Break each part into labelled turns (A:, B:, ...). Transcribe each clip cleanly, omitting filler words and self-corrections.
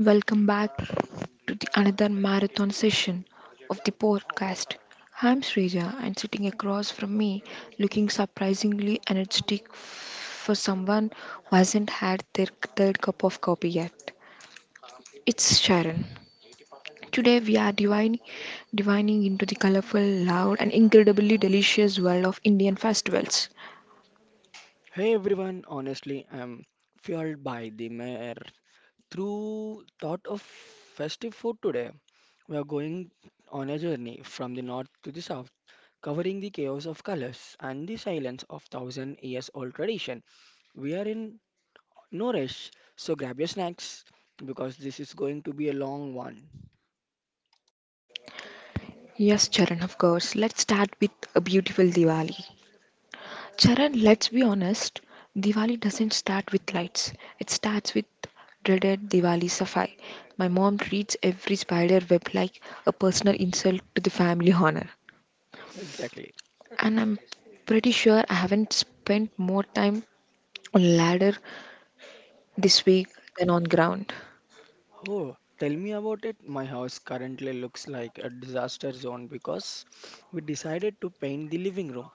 A: Welcome back to the another marathon session of the podcast. I'm Srija, and sitting across from me, looking surprisingly energetic for someone who hasn't had their third cup of coffee yet. It's Sharon. Today we are divining into the colorful, loud, and incredibly delicious world of Indian festivals.
B: Hey everyone, honestly, I'm fueled by the mere through thought of festive food today. We are going on a journey from the north to the south, covering the chaos of colors and the silence of thousand years old tradition. We are in no rush, so grab your snacks because this is going to be a long one.
A: Yes, Sharon, of course. Let's start with a beautiful Diwali. Charan, let's be honest, Diwali doesn't start with lights. It starts with dreaded Diwali Safai. My mom treats every spider web like a personal insult to the family honor.
B: Exactly.
A: And I'm pretty sure I haven't spent more time on ladder this week than on ground.
B: Oh, tell me about it. My house currently looks like a disaster zone because we decided to paint the living room.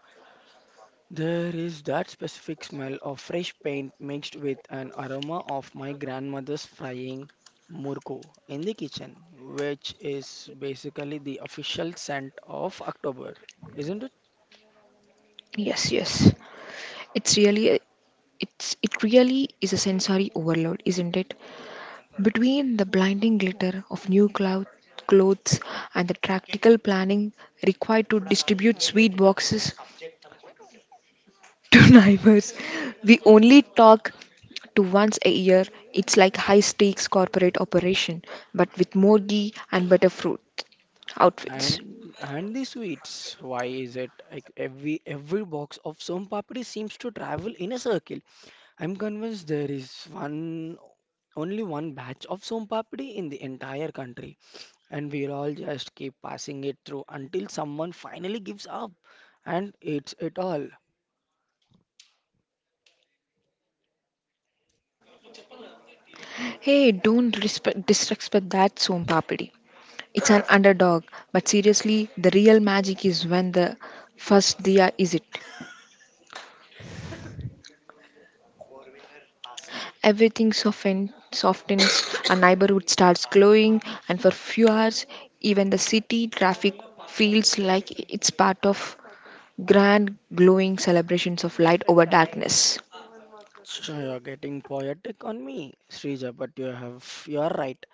B: There is that specific smell of fresh paint mixed with an aroma of my grandmother's frying murko in the kitchen, which is basically the official scent of October, isn't it?
A: Yes, yes. It's really a, it really is a sensory overload, isn't it? Between the blinding glitter of clothes and the practical planning required to distribute sweet boxes to neighbors, we only talk to once a year. It's like high stakes corporate operation, but with more ghee and better fruit outfits.
B: And the sweets. Why is it like every box of some papri seems to travel in a circle? I'm convinced there is one only one batch of some papri in the entire country, and we all just keep passing it through until someone finally gives up and eats it all.
A: Hey, don't respect, disrespect that Som Papadi. It's an underdog, but seriously, the real magic is when the first diya is it. Everything softens, a neighborhood starts glowing, and for few hours, even the city traffic feels like it's part of grand glowing celebrations of light over darkness.
B: So you're getting poetic on me, Srija, but you're right.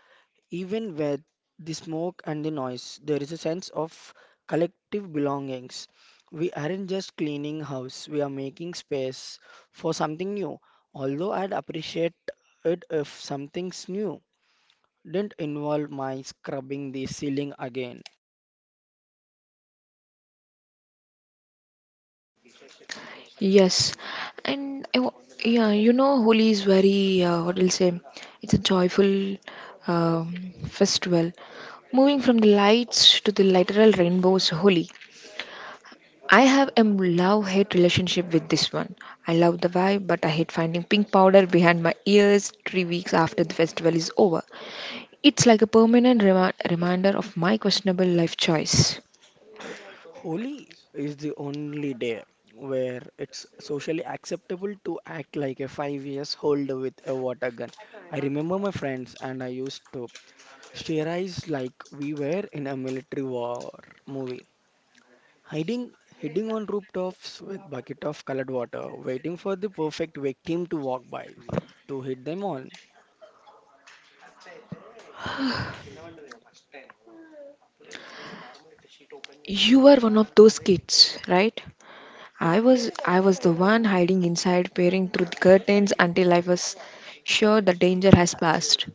B: Even with the smoke and the noise, there is a sense of collective belongings. We aren't just cleaning house, we are making space for something new. Although I'd appreciate it if something's new didn't involve my scrubbing the ceiling again.
A: Yes, and I wa- yeah, Holi is very what I'll say, it's a joyful festival. Moving from the lights to the literal rainbows, Holi. I have a love hate relationship with this one. I love the vibe, but I hate finding pink powder behind my ears 3 weeks after the festival is over. It's like a permanent reminder of my questionable life choice.
B: Holi is the only day where it's socially acceptable to act like a 5 years old with a water gun. I remember my friends and I used to steerize like we were in a military war movie. Hiding hiding on rooftops with bucket of colored water, waiting for the perfect victim to walk by to hit them all.
A: You were one of those kids, right? I was the one hiding inside peering through the curtains until I was sure the danger has passed,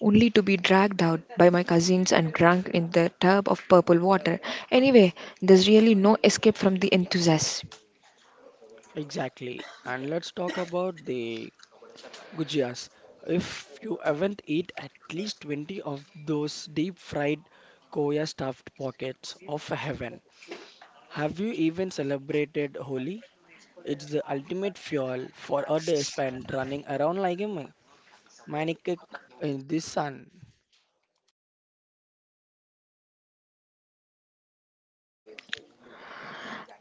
A: only to be dragged out by my cousins and drunk in the tub of purple water. Anyway, there's really no escape from the enthusiasm.
B: Exactly. And let's talk about the Gujias. If you haven't eat at least 20 of those deep fried Koya stuffed pockets of heaven, have you even celebrated Holi? It's the ultimate fuel for a day spent running around like a maniac in the sun.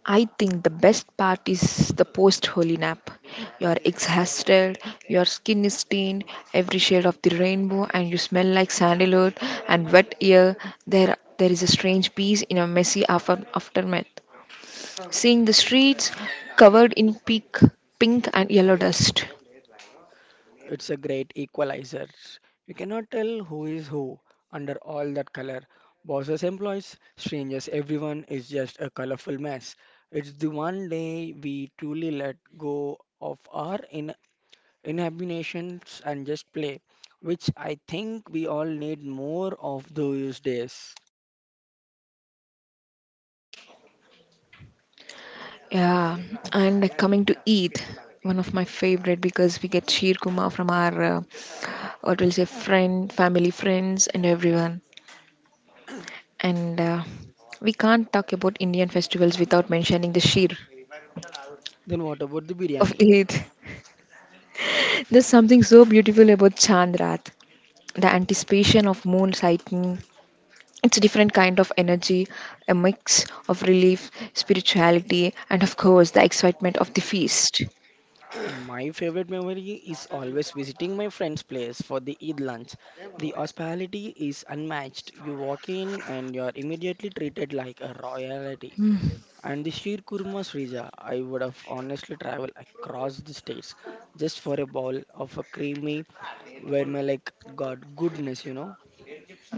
A: I think the best part is the post holy nap. You're exhausted, your skin is stained, every shade of the rainbow, and you smell like sandalwood and wet air. There is a strange peace in a messy aftermath. Seeing the streets covered in pink and yellow dust.
B: It's a great equalizer. You cannot tell who is who under all that color. Bosses, employees, strangers, everyone is just a colorful mess. It's the one day we truly let go of our in inhibitions and just play, which I think we all need more of those days.
A: Yeah, and coming to Eid, one of my favorite because we get sheer kuma from our what will say friend, family, friends, and everyone. And we can't talk about Indian festivals without mentioning the sheer
B: Then what about the
A: of
B: biryani?
A: it. There's something so beautiful about Chandrat, the anticipation of moon sighting. It's a different kind of energy, a mix of relief, spirituality, and of course the excitement of the feast.
B: My favorite memory is always visiting my friend's place for the Eid lunch. The hospitality is unmatched. You walk in and you're immediately treated like a royalty.
A: Mm,
B: And the sheer kurma srija, I would have honestly traveled across the states just for a bowl of a creamy where like God goodness, you know.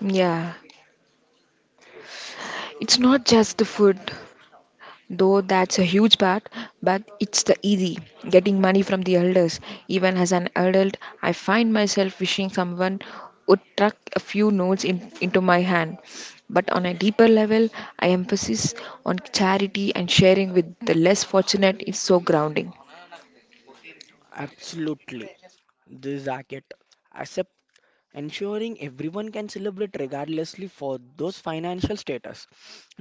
A: yeah, it's not just the food. Though that's a huge part, but it's the easy getting money from the elders. Even as an adult, I find myself wishing someone would tuck a few notes into my hand. But on a deeper level, I emphasis on charity and sharing with the less fortunate is so grounding.
B: Absolutely. This jacket. As a Ensuring everyone can celebrate regardlessly for those financial status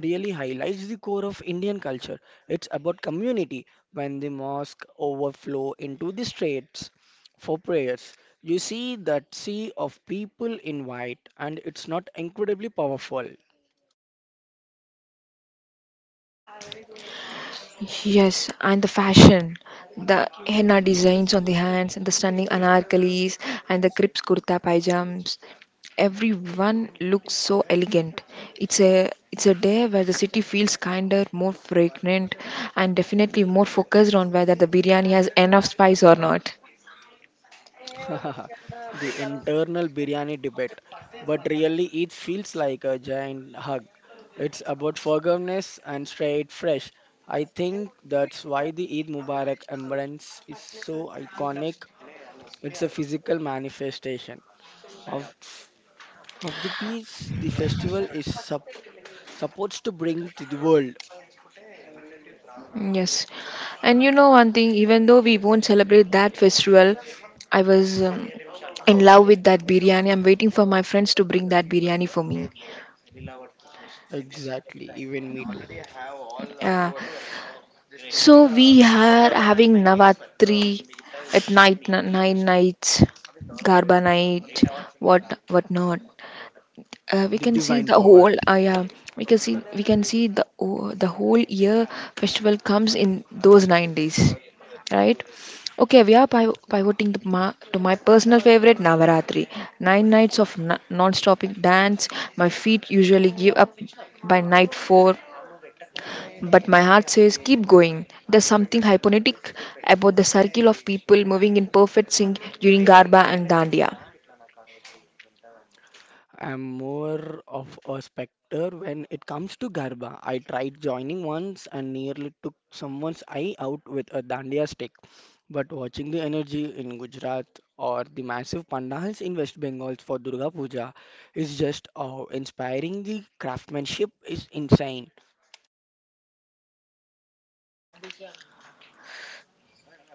B: really highlights the core of Indian culture. It's about community. When the mosque overflow into the streets for prayers, you see that sea of people in white and it's not incredibly powerful.
A: Yes, and the fashion, the henna designs on the hands, and the stunning anarkalis, and the crisp kurta pajamas. Everyone looks so elegant. It's a day where the city feels kinder, more fragrant, and definitely more focused on whether the biryani has enough spice or not.
B: The internal biryani debate. But really, it feels like a giant hug. It's about forgiveness and straight fresh. I think that's why the Eid Mubarak emblem is so iconic. It's a physical manifestation of of the peace the festival is supposed to bring to the world.
A: Yes, and you know one thing, even though we won't celebrate that festival, I was in love with that biryani. I'm waiting for my friends to bring that biryani for me.
B: Exactly, even me too.
A: Yeah. So we are having Navratri at night, nine nights, Garba night, what not. We
B: The
A: can see
B: divine
A: the
B: power.
A: whole. Yeah, we can see the the whole year festival comes in those 9 days, right? Okay, we are pivoting to to my personal favorite Navaratri. Nine nights of non-stopping dance. My feet usually give up by night four but my heart says, keep going. There's something hypnotic about the circle of people moving in perfect sync during Garba and Dandiya.
B: I'm more of a specter when it comes to Garba. I tried joining once and nearly took someone's eye out with a dandiya stick. But watching the energy in Gujarat or the massive pandals in West Bengal for Durga Puja is just awe-inspiring. The craftsmanship is insane.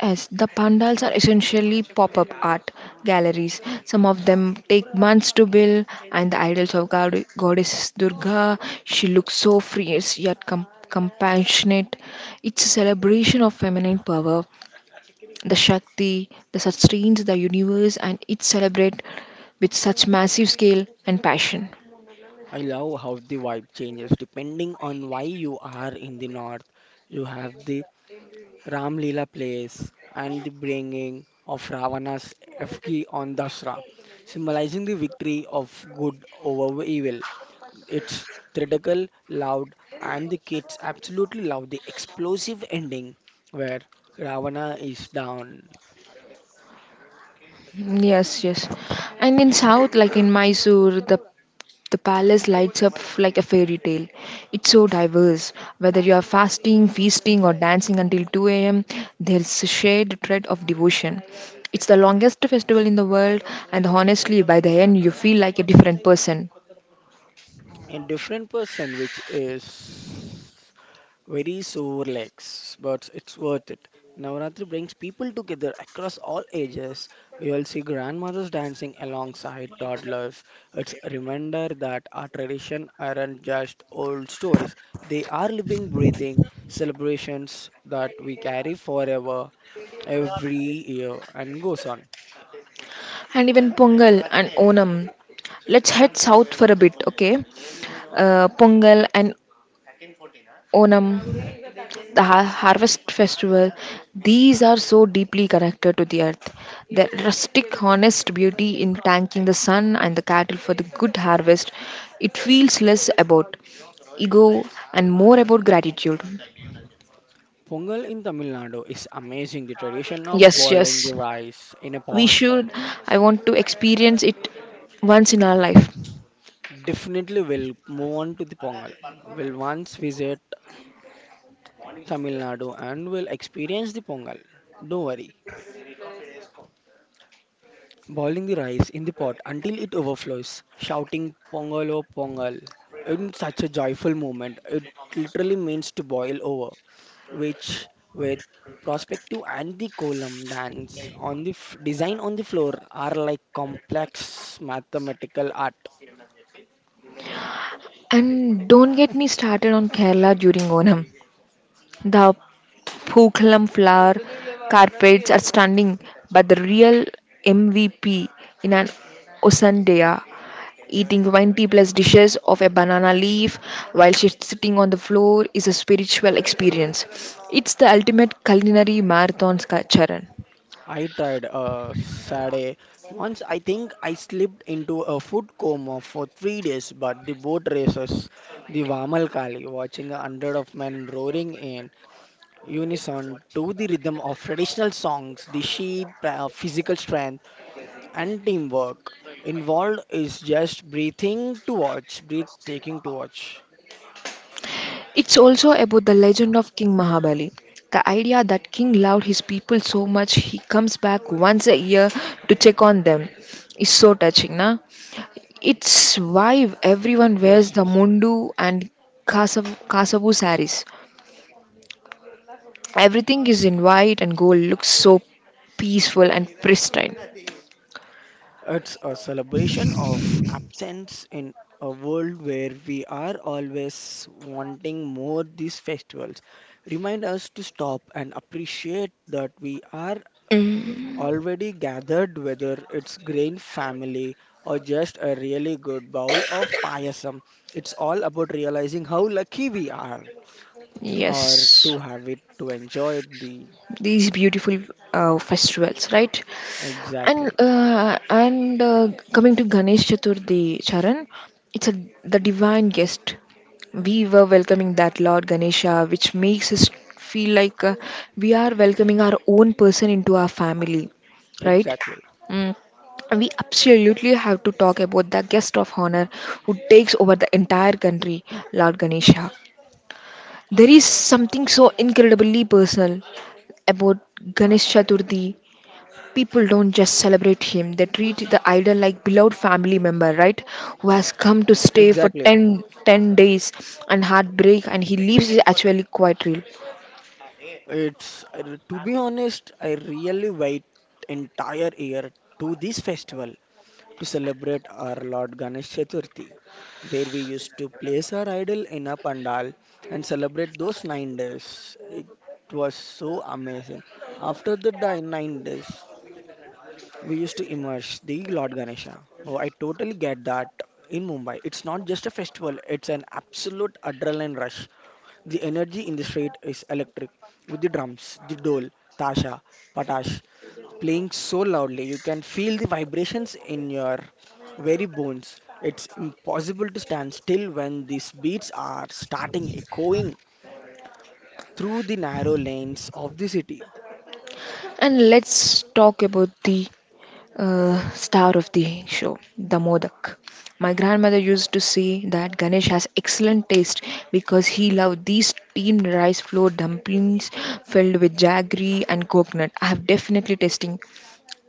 A: Yes, the pandals are essentially pop up art galleries. Some of them take months to build, and the idols of goddess Durga, she looks so fierce yet compassionate. It's a celebration of feminine power, the Shakti that sustains the universe, and it's celebrated with such massive scale and passion.
B: I love how the vibe changes depending on why you are in the north. You have the Ramlila plays, and the bringing of Ravana's effigy on Dasra, symbolizing the victory of good over evil. It's theatrical, loud, and the kids absolutely love the explosive ending where Ravana is down.
A: Yes, yes. And in South, like in Mysore, the palace lights up like a fairy tale. It's so diverse. Whether you are fasting, feasting, or dancing until 2 a.m., there's a shared thread of devotion. It's the longest festival in the world, and honestly, by the end, you feel like a different person.
B: A different person, which is very sore legs, but it's worth it. Navaratri brings people together across all ages. You'll see grandmothers dancing alongside toddlers. It's a reminder that our tradition aren't just old stories. They are living, breathing celebrations that we carry forever, every year, and goes on.
A: And even Pongal and Onam. Let's head south for a bit, okay? Pongal and Onam. The harvest festival, these are so deeply connected to the earth. Their rustic, honest beauty in thanking the sun and the cattle for the good harvest, it feels less about ego and more about gratitude.
B: Pongal in Tamil Nadu is amazing. The tradition of
A: Yes,
B: boiling the
A: yes,
B: rice in a
A: we
B: pot
A: should. I want to experience it once in our life.
B: definitely will move on to the Pongal. Will once visit Tamil Nadu and will experience the Pongal. Don't worry. Boiling the rice in the pot until it overflows, shouting Pongal oh Pongal in such a joyful moment. It literally means to boil over, which with perspective and the column dance on the design on the floor are like complex mathematical art.
A: And don't get me started on Kerala during Onam. The Poughkeepsie flower carpets are stunning, but the real MVP in an Osandea eating 20 plus dishes of a banana leaf while she's sitting on the floor is a spiritual experience. It's the ultimate culinary marathon, Charan.
B: I tried Saturday. Once I think I slipped into a food coma for 3 days, but the boat races, the Vamal Kali, watching a hundred of men roaring in unison to the rhythm of traditional songs, the sheer physical strength and teamwork involved is just breathing to watch, breathtaking to watch.
A: It's also about the legend of King Mahabali. The idea that King loved his people so much he comes back once a year to check on them is so touching, na? It's why everyone wears
B: Yes,
A: the
B: yes.
A: mundu and kasavu saris. Everything is in white and gold, looks so peaceful and pristine.
B: It's a celebration of absence in a world where we are always wanting more. These festivals remind us to stop and appreciate that we are
A: Mm,
B: already gathered, whether it's grain family or just a really good bowl of payasam. It's all about realizing how lucky we are or
A: yes.
B: to have it to enjoy it the
A: These beautiful festivals, right? And
B: Exactly.
A: uh, and uh, coming to Ganesh Chaturthi, Charan, it's a the divine guest. We were welcoming that Lord Ganesha, which makes us feel like we are welcoming our own person into our family, right?
B: Exactly.
A: Mm. We absolutely have to talk about the guest of honor who takes over the entire country, Lord Ganesha. There is something so incredibly personal about Ganesh Chaturthi, people don't just celebrate him, they treat the idol like beloved family member, right? Who has come to stay for
B: Exactly.
A: 10 days and heartbreak, and he leaves is actually quite real.
B: It's to be honest, I really wait entire year to this festival to celebrate our Lord Ganesh Chaturthi, where we used to place our idol in a pandal and celebrate those 9 days. It was so amazing. After the 9 days, we used to immerse the Lord Ganesha. Oh, I totally get that. In Mumbai, it's not just a festival; it's an absolute adrenaline rush. The energy in the street is electric, with the drums, the dole, tasha, patash playing so loudly you can feel the vibrations in your very bones. It's impossible to stand still when these beats are starting echoing through the narrow lanes of the city.
A: And let's talk about the star of the show, the modak. My grandmother used to say that Ganesh has excellent taste because he loved these steamed rice flour dumplings filled with jaggery and coconut. I have definitely tasting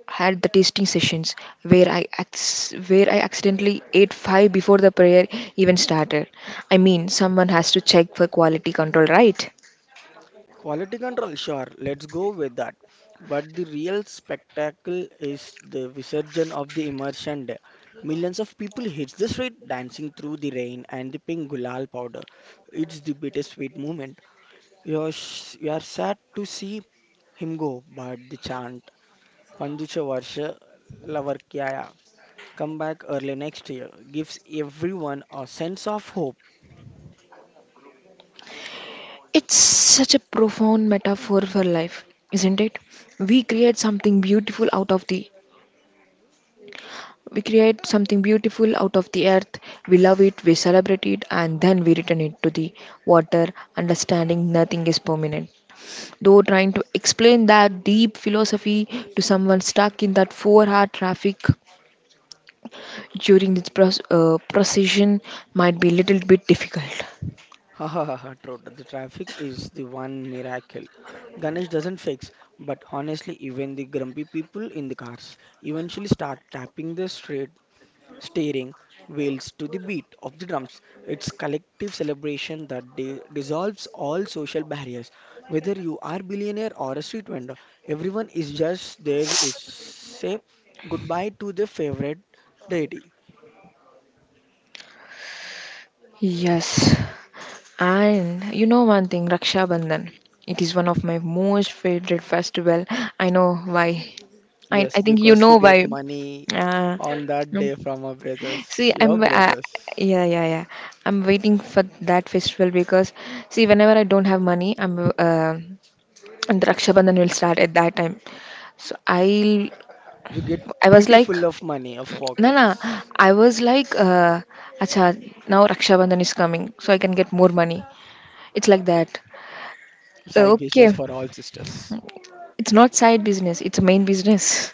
A: had the tasting sessions where I accidentally ate five before the prayer even started. I mean, someone has to check for quality control, right?
B: Quality control, sure, let's go with that. But the real spectacle is the visurgence of the immersion day. Millions of people hit the street dancing through the rain and the pink gulal powder. It's the bittersweet moment. You're sad to see him go, but the chant, Panjicha Varsha Lavarkyaya, come back early next year, gives everyone a sense of hope.
A: It's such a profound metaphor for life, isn't it? We create something beautiful out of the we create something beautiful out of the earth, we love it, we celebrate it, and then we return it to the water, understanding nothing is permanent. Though trying to explain that deep philosophy to someone stuck in that 4 hour traffic during this procession might be a little bit difficult.
B: Ha ha ha ha, true. The traffic is the one miracle. Ganesh doesn't fix, but honestly, even the grumpy people in the cars eventually start tapping the straight steering wheels to the beat of the drums. It's collective celebration that dissolves all social barriers. Whether you are billionaire or a street vendor, everyone is just there is say goodbye to their favorite deity.
A: Yes. And you know one thing, Raksha Bandhan. It is one of my most favorite festival. I know why. I
B: Yes,
A: think you
B: because you
A: know
B: get
A: why.
B: money
A: Uh,
B: on that
A: no.
B: day from
A: See,
B: your
A: I'm
B: brothers.
A: yeah yeah yeah. I'm waiting for that festival because see, whenever I don't have money, I'm and Rakshabandhan will start at that time. So I
B: You get
A: I was
B: pretty
A: like,
B: full of money, of
A: no, no,
B: pockets.
A: I was like, acha, now Rakshabandhan is coming, so I can get more money. It's like that.
B: Side business
A: Okay,
B: for all sisters.
A: it's not side business; it's main business.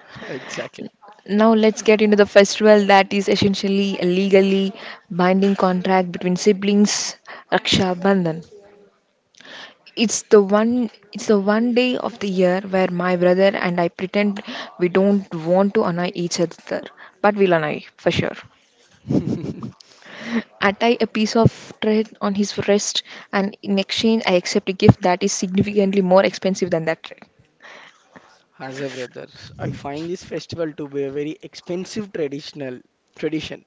B: Exactly.
A: Now let's get into the festival that is essentially a legally binding contract between siblings, Rakshabandhan. It's the one day of the year where my brother and I pretend we don't want to annoy each other, but we'll annoy for sure. I tie a piece of thread on his wrist and in exchange I accept a gift that is significantly more expensive than that thread.
B: As a brother, I find this festival to be a very expensive tradition.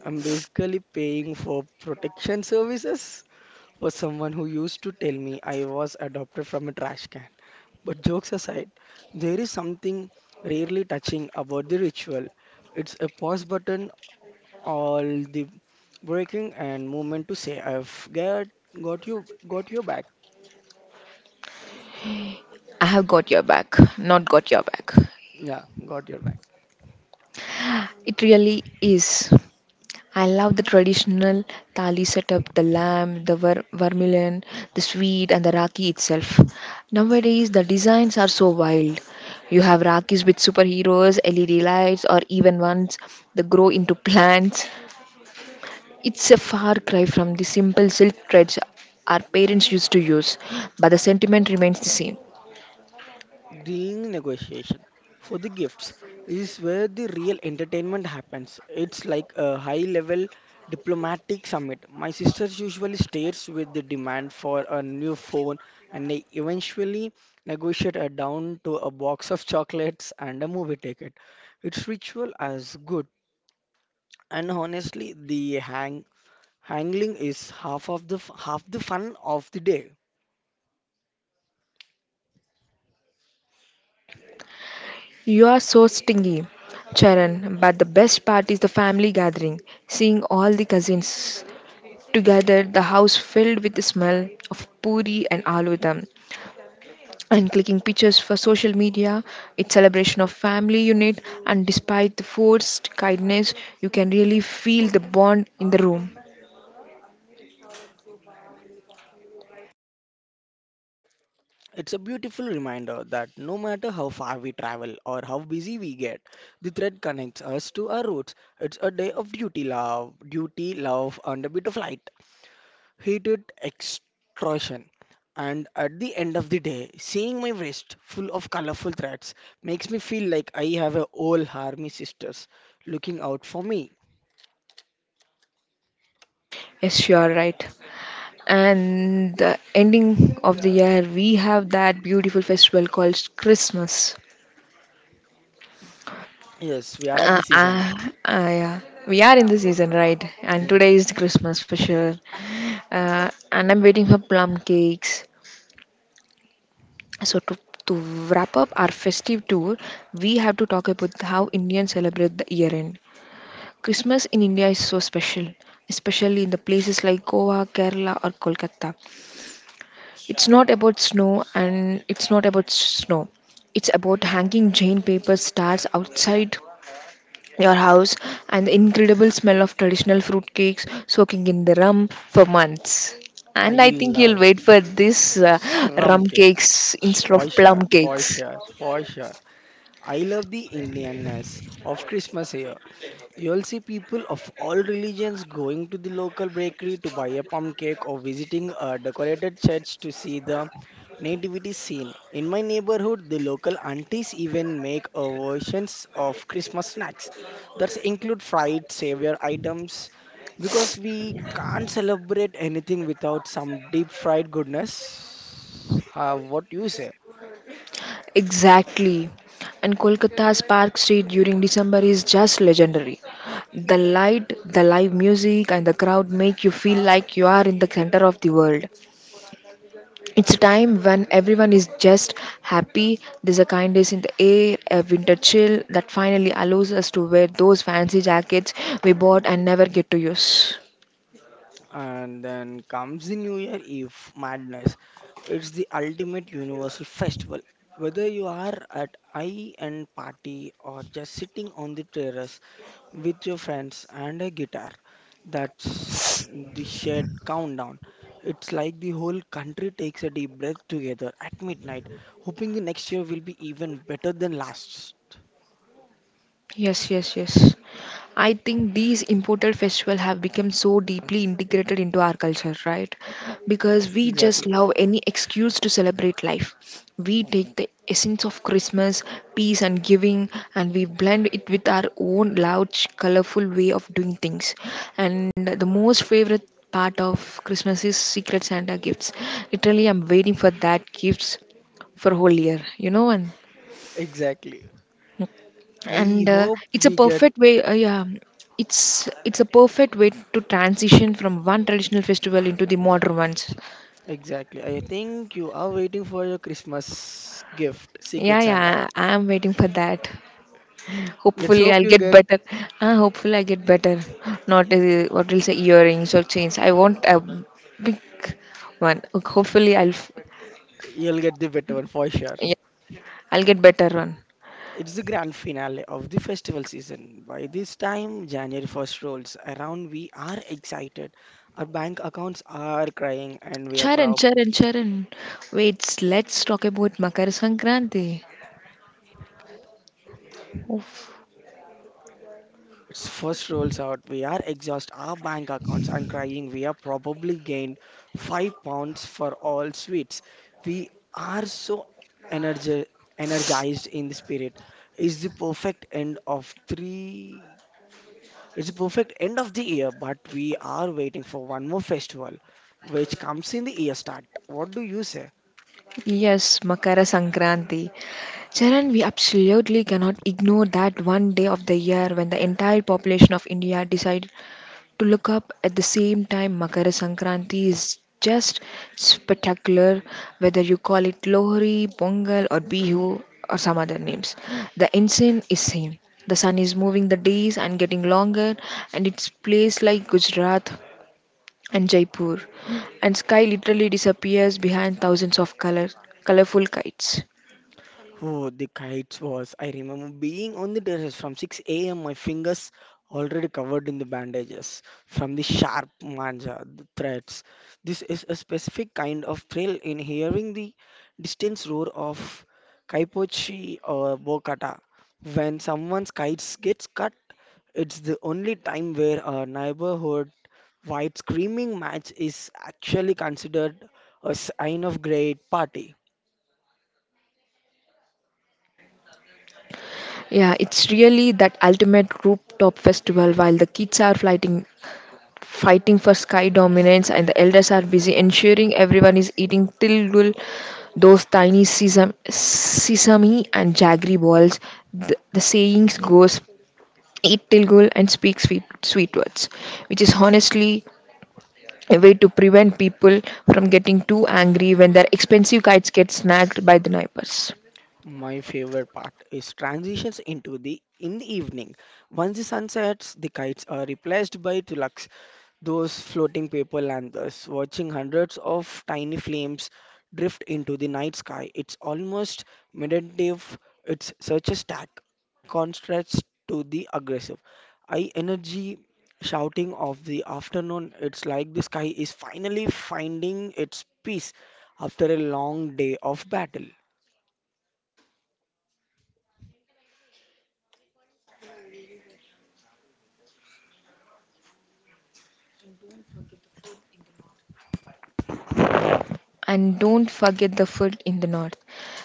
B: I'm basically paying for protection services for someone who used to tell me I was adopted from a trash can. But jokes aside, there is something rarely touching about the ritual. It's a pause button, all the breaking and movement to say, got you, got your back.
A: I have got your back, not got your back.
B: Yeah, got your back.
A: It really is. I love the traditional thali setup, the lamb, the vermilion, the sweet, and the rakhi itself. Nowadays, the designs are so wild. You have rakhis with superheroes, LED lights, or even ones that grow into plants. It's a far cry from the simple silk threads our parents used to use, but the sentiment remains the same.
B: During negotiation for the gifts is where the real entertainment happens. It's like a high level diplomatic summit. My sister usually stares with the demand for a new phone and I eventually negotiate her down to a box of chocolates and a movie ticket. It's ritual as good and honestly the hangling is half of the half the fun of the day.
A: You are so stingy, Charan, but the best part is the family gathering, seeing all the cousins together, the house filled with the smell of puri and aloo dum, and clicking pictures for social media, its celebration of family unit, and despite the forced kindness, you can really feel the bond in the room.
B: It's a beautiful reminder that no matter how far we travel or how busy we get, the thread connects us to our roots. It's a day of duty, love, and a bit of light, heated extortion. And at the end of the day, seeing my wrist full of colorful threads makes me feel like I have a whole army sisters looking out for me.
A: Yes, you are right. And the ending of the year, we have that beautiful festival called Christmas.
B: Yes, we are at
A: Uh,
B: the season now.
A: uh, yeah. We are in the season, right? And
B: Hmm,
A: today is Christmas for sure. And I'm waiting for plum cakes. So to wrap up our festive tour, we have to talk about how Indians celebrate the year end. Christmas in India is so special, especially in the places like Goa, Kerala, or Kolkata. It's not about snow and it's not about snow. It's about hanging Jain paper stars outside your house and the incredible smell of traditional fruit cakes soaking in the rum for months.
B: I
A: And I think you'll
B: love
A: wait for this,
B: shrum
A: rum
B: cake
A: cakes instead
B: for
A: of plum
B: sure, for
A: cakes.
B: sure, for sure. I love the Indianness of Christmas here. You'll see people of all religions going to the local bakery to buy a plum cake or visiting a decorated church to see the nativity scene. In my neighborhood, the local aunties even make versions of Christmas snacks that include fried savior items because we can't celebrate anything without some deep fried goodness. What you say?
A: Exactly. And Kolkata's Park Street during December is just legendary. The light, the live music, and the crowd make you feel like you are in the center of the world. It's a time when everyone is just happy. There's a kindness in the air, a winter chill that finally allows us to wear those fancy jackets we bought and never get to use.
B: And then comes the New Year Eve madness. It's the ultimate universal festival. Whether you are at high end party or just sitting on the terrace with your friends and a guitar, that's the shared countdown. It's like the whole country takes a deep breath together at midnight, hoping the next year will be even better than last.
A: Yes, yes, yes, I think these imported festivals have become so deeply integrated into our culture, right? Because we just
B: Exactly,
A: love any excuse to celebrate life. We take the essence of Christmas, peace, and giving, and we blend it with our own loud, colorful way of doing things. And the most favorite part of Christmas is Secret Santa gifts. Literally, I'm waiting for that gifts for whole year, you know, and
B: exactly. I hope
A: it's a
B: we get
A: perfect way yeah it's a perfect way to transition from one traditional festival into the modern ones.
B: exactly. I think you are waiting for your Christmas gift,
A: Yeah,
B: Secret Santa.
A: yeah, I am waiting for that.
B: Let's
A: Hopefully
B: hope
A: I'll
B: you
A: get
B: get.
A: better hopefully I get better. Not what will say earrings or chains, I want a big one. hopefully i'll f-
B: You'll get the better one for sure.
A: yeah, I'll get better one.
B: It's the grand finale of the festival season. By this time, January 1st rolls around. We are excited. Our bank accounts are crying and we are
A: Charan,
B: proud.
A: Charan, Charan, wait, let's talk about Makara Sankranti. Oof.
B: It's first rolls out. We are exhaust our bank accounts and crying. We have probably gained 5 pounds for all sweets. We are so energi- energized in the spirit. It's the perfect end of three. It's the perfect end of the year, but we are waiting for one more festival, which comes in the year start. What do you say?
A: Yes, Makara Sankranti. Charan, we absolutely cannot ignore that one day of the year when the entire population of India decided to look up at the same time. Makara Sankranti is just spectacular, whether you call it Lohri, Pongal, or Bihu, or some other names. The insane is same. The sun is moving the days and getting longer, and it's place like Gujarat and Jaipur, and sky literally disappears behind thousands of colorful kites.
B: Oh, the kites was. I remember being on the terrace from 6 a.m. My fingers already covered in the bandages from the sharp manja, the threats. This is a specific kind of thrill in hearing the distant roar of kaipochi or bokata. When someone's kites gets cut, it's the only time where a neighborhood-wide screaming match is actually considered a sign of great party.
A: Yeah, it's really that ultimate rooftop festival while the kids are fighting for sky dominance and the elders are busy ensuring everyone is eating till those tiny sesame and jaggery balls. The sayings goes, eat tilgul and speak sweet words, which is honestly a way to prevent people from getting too angry when their expensive kites get snagged by the neighbors.
B: My favorite part is transitions into the in the evening. Once the sun sets, the kites are replaced by tulaks, those floating paper lanterns. Watching hundreds of tiny flames drift into the night sky, it's almost meditative. It's such a stark contrast to the aggressive high energy shouting of the afternoon. It's like the sky is finally finding its peace after a long day of battle.
A: And don't forget the food in the north.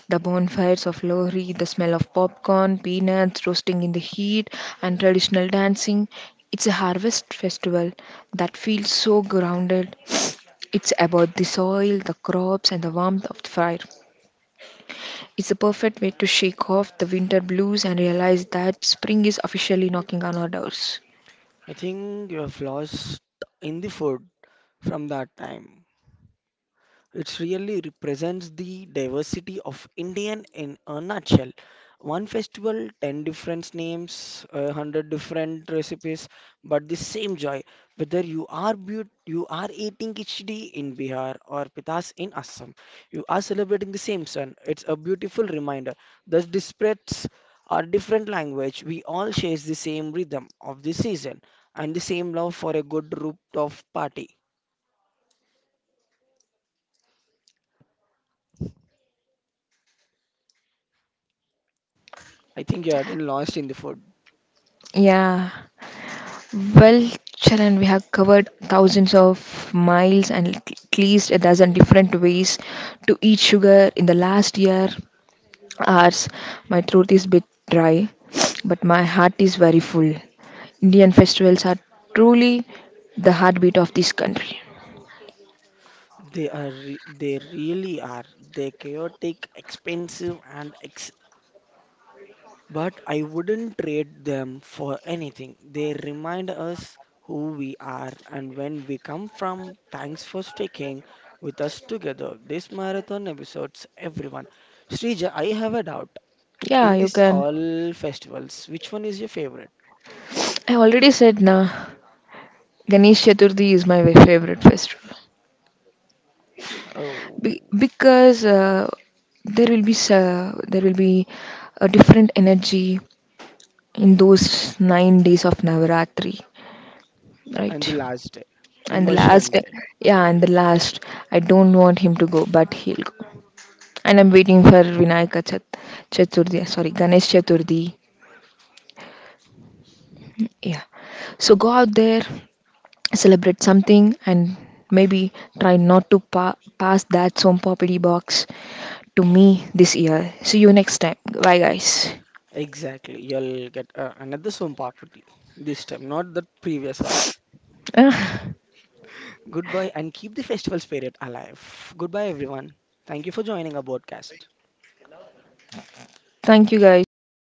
A: The bonfires of Lohri, the smell of popcorn, peanuts roasting in the heat, and traditional dancing. It's a harvest festival that feels so grounded. It's about the soil, the crops, and the warmth of the fire. It's a perfect way to shake off the winter blues and realize that spring is officially knocking on our doors.
B: I think you have lost in the food from that time. It really represents the diversity of Indian in a nutshell. One festival, 10 different names, 100 different recipes, but the same joy. Whether you are but you are eating khichdi in Bihar or pitas in Assam, you are celebrating the same sun. It's a beautiful reminder that despite our different language, we all share the same rhythm of the season and the same love for a good rooftop party. I think you're again lost in the food.
A: Yeah. Well, Charan, we have covered thousands of miles and at least a dozen different ways to eat sugar in the last year hours. My throat is a bit dry, but my heart is very full. Indian festivals are truly the heartbeat of this country.
B: They really are. They're chaotic, expensive, and ex but I wouldn't trade them for anything. They remind us who we are and when we come from. Thanks for sticking with us together. This marathon episodes, everyone. Srija, I have a doubt.
A: Yeah,
B: In
A: you
B: this
A: can.
B: all festivals, which one is your favorite?
A: I already said na, Ganesh Chaturthi is my favorite festival. Be-
B: Oh,
A: because uh, there will be there will be a different energy in those 9 days of Navaratri, right?
B: and the last day,
A: And the
B: Immersion
A: last,
B: Day.
A: yeah, and the last, I don't want him to go, but he'll go. And I'm waiting for Chaturthi, sorry, Ganesh Chaturthi. Yeah. So go out there, celebrate something, and maybe try not to pass that Som Property box to me this year. See you next time. Bye, guys.
B: Exactly. You'll get another swamp property this time, not the previous wala.
A: Ah,
B: Goodbye and keep the festival spirit alive. Goodbye, everyone. Thank you for joining our podcast.
A: thank you, guys.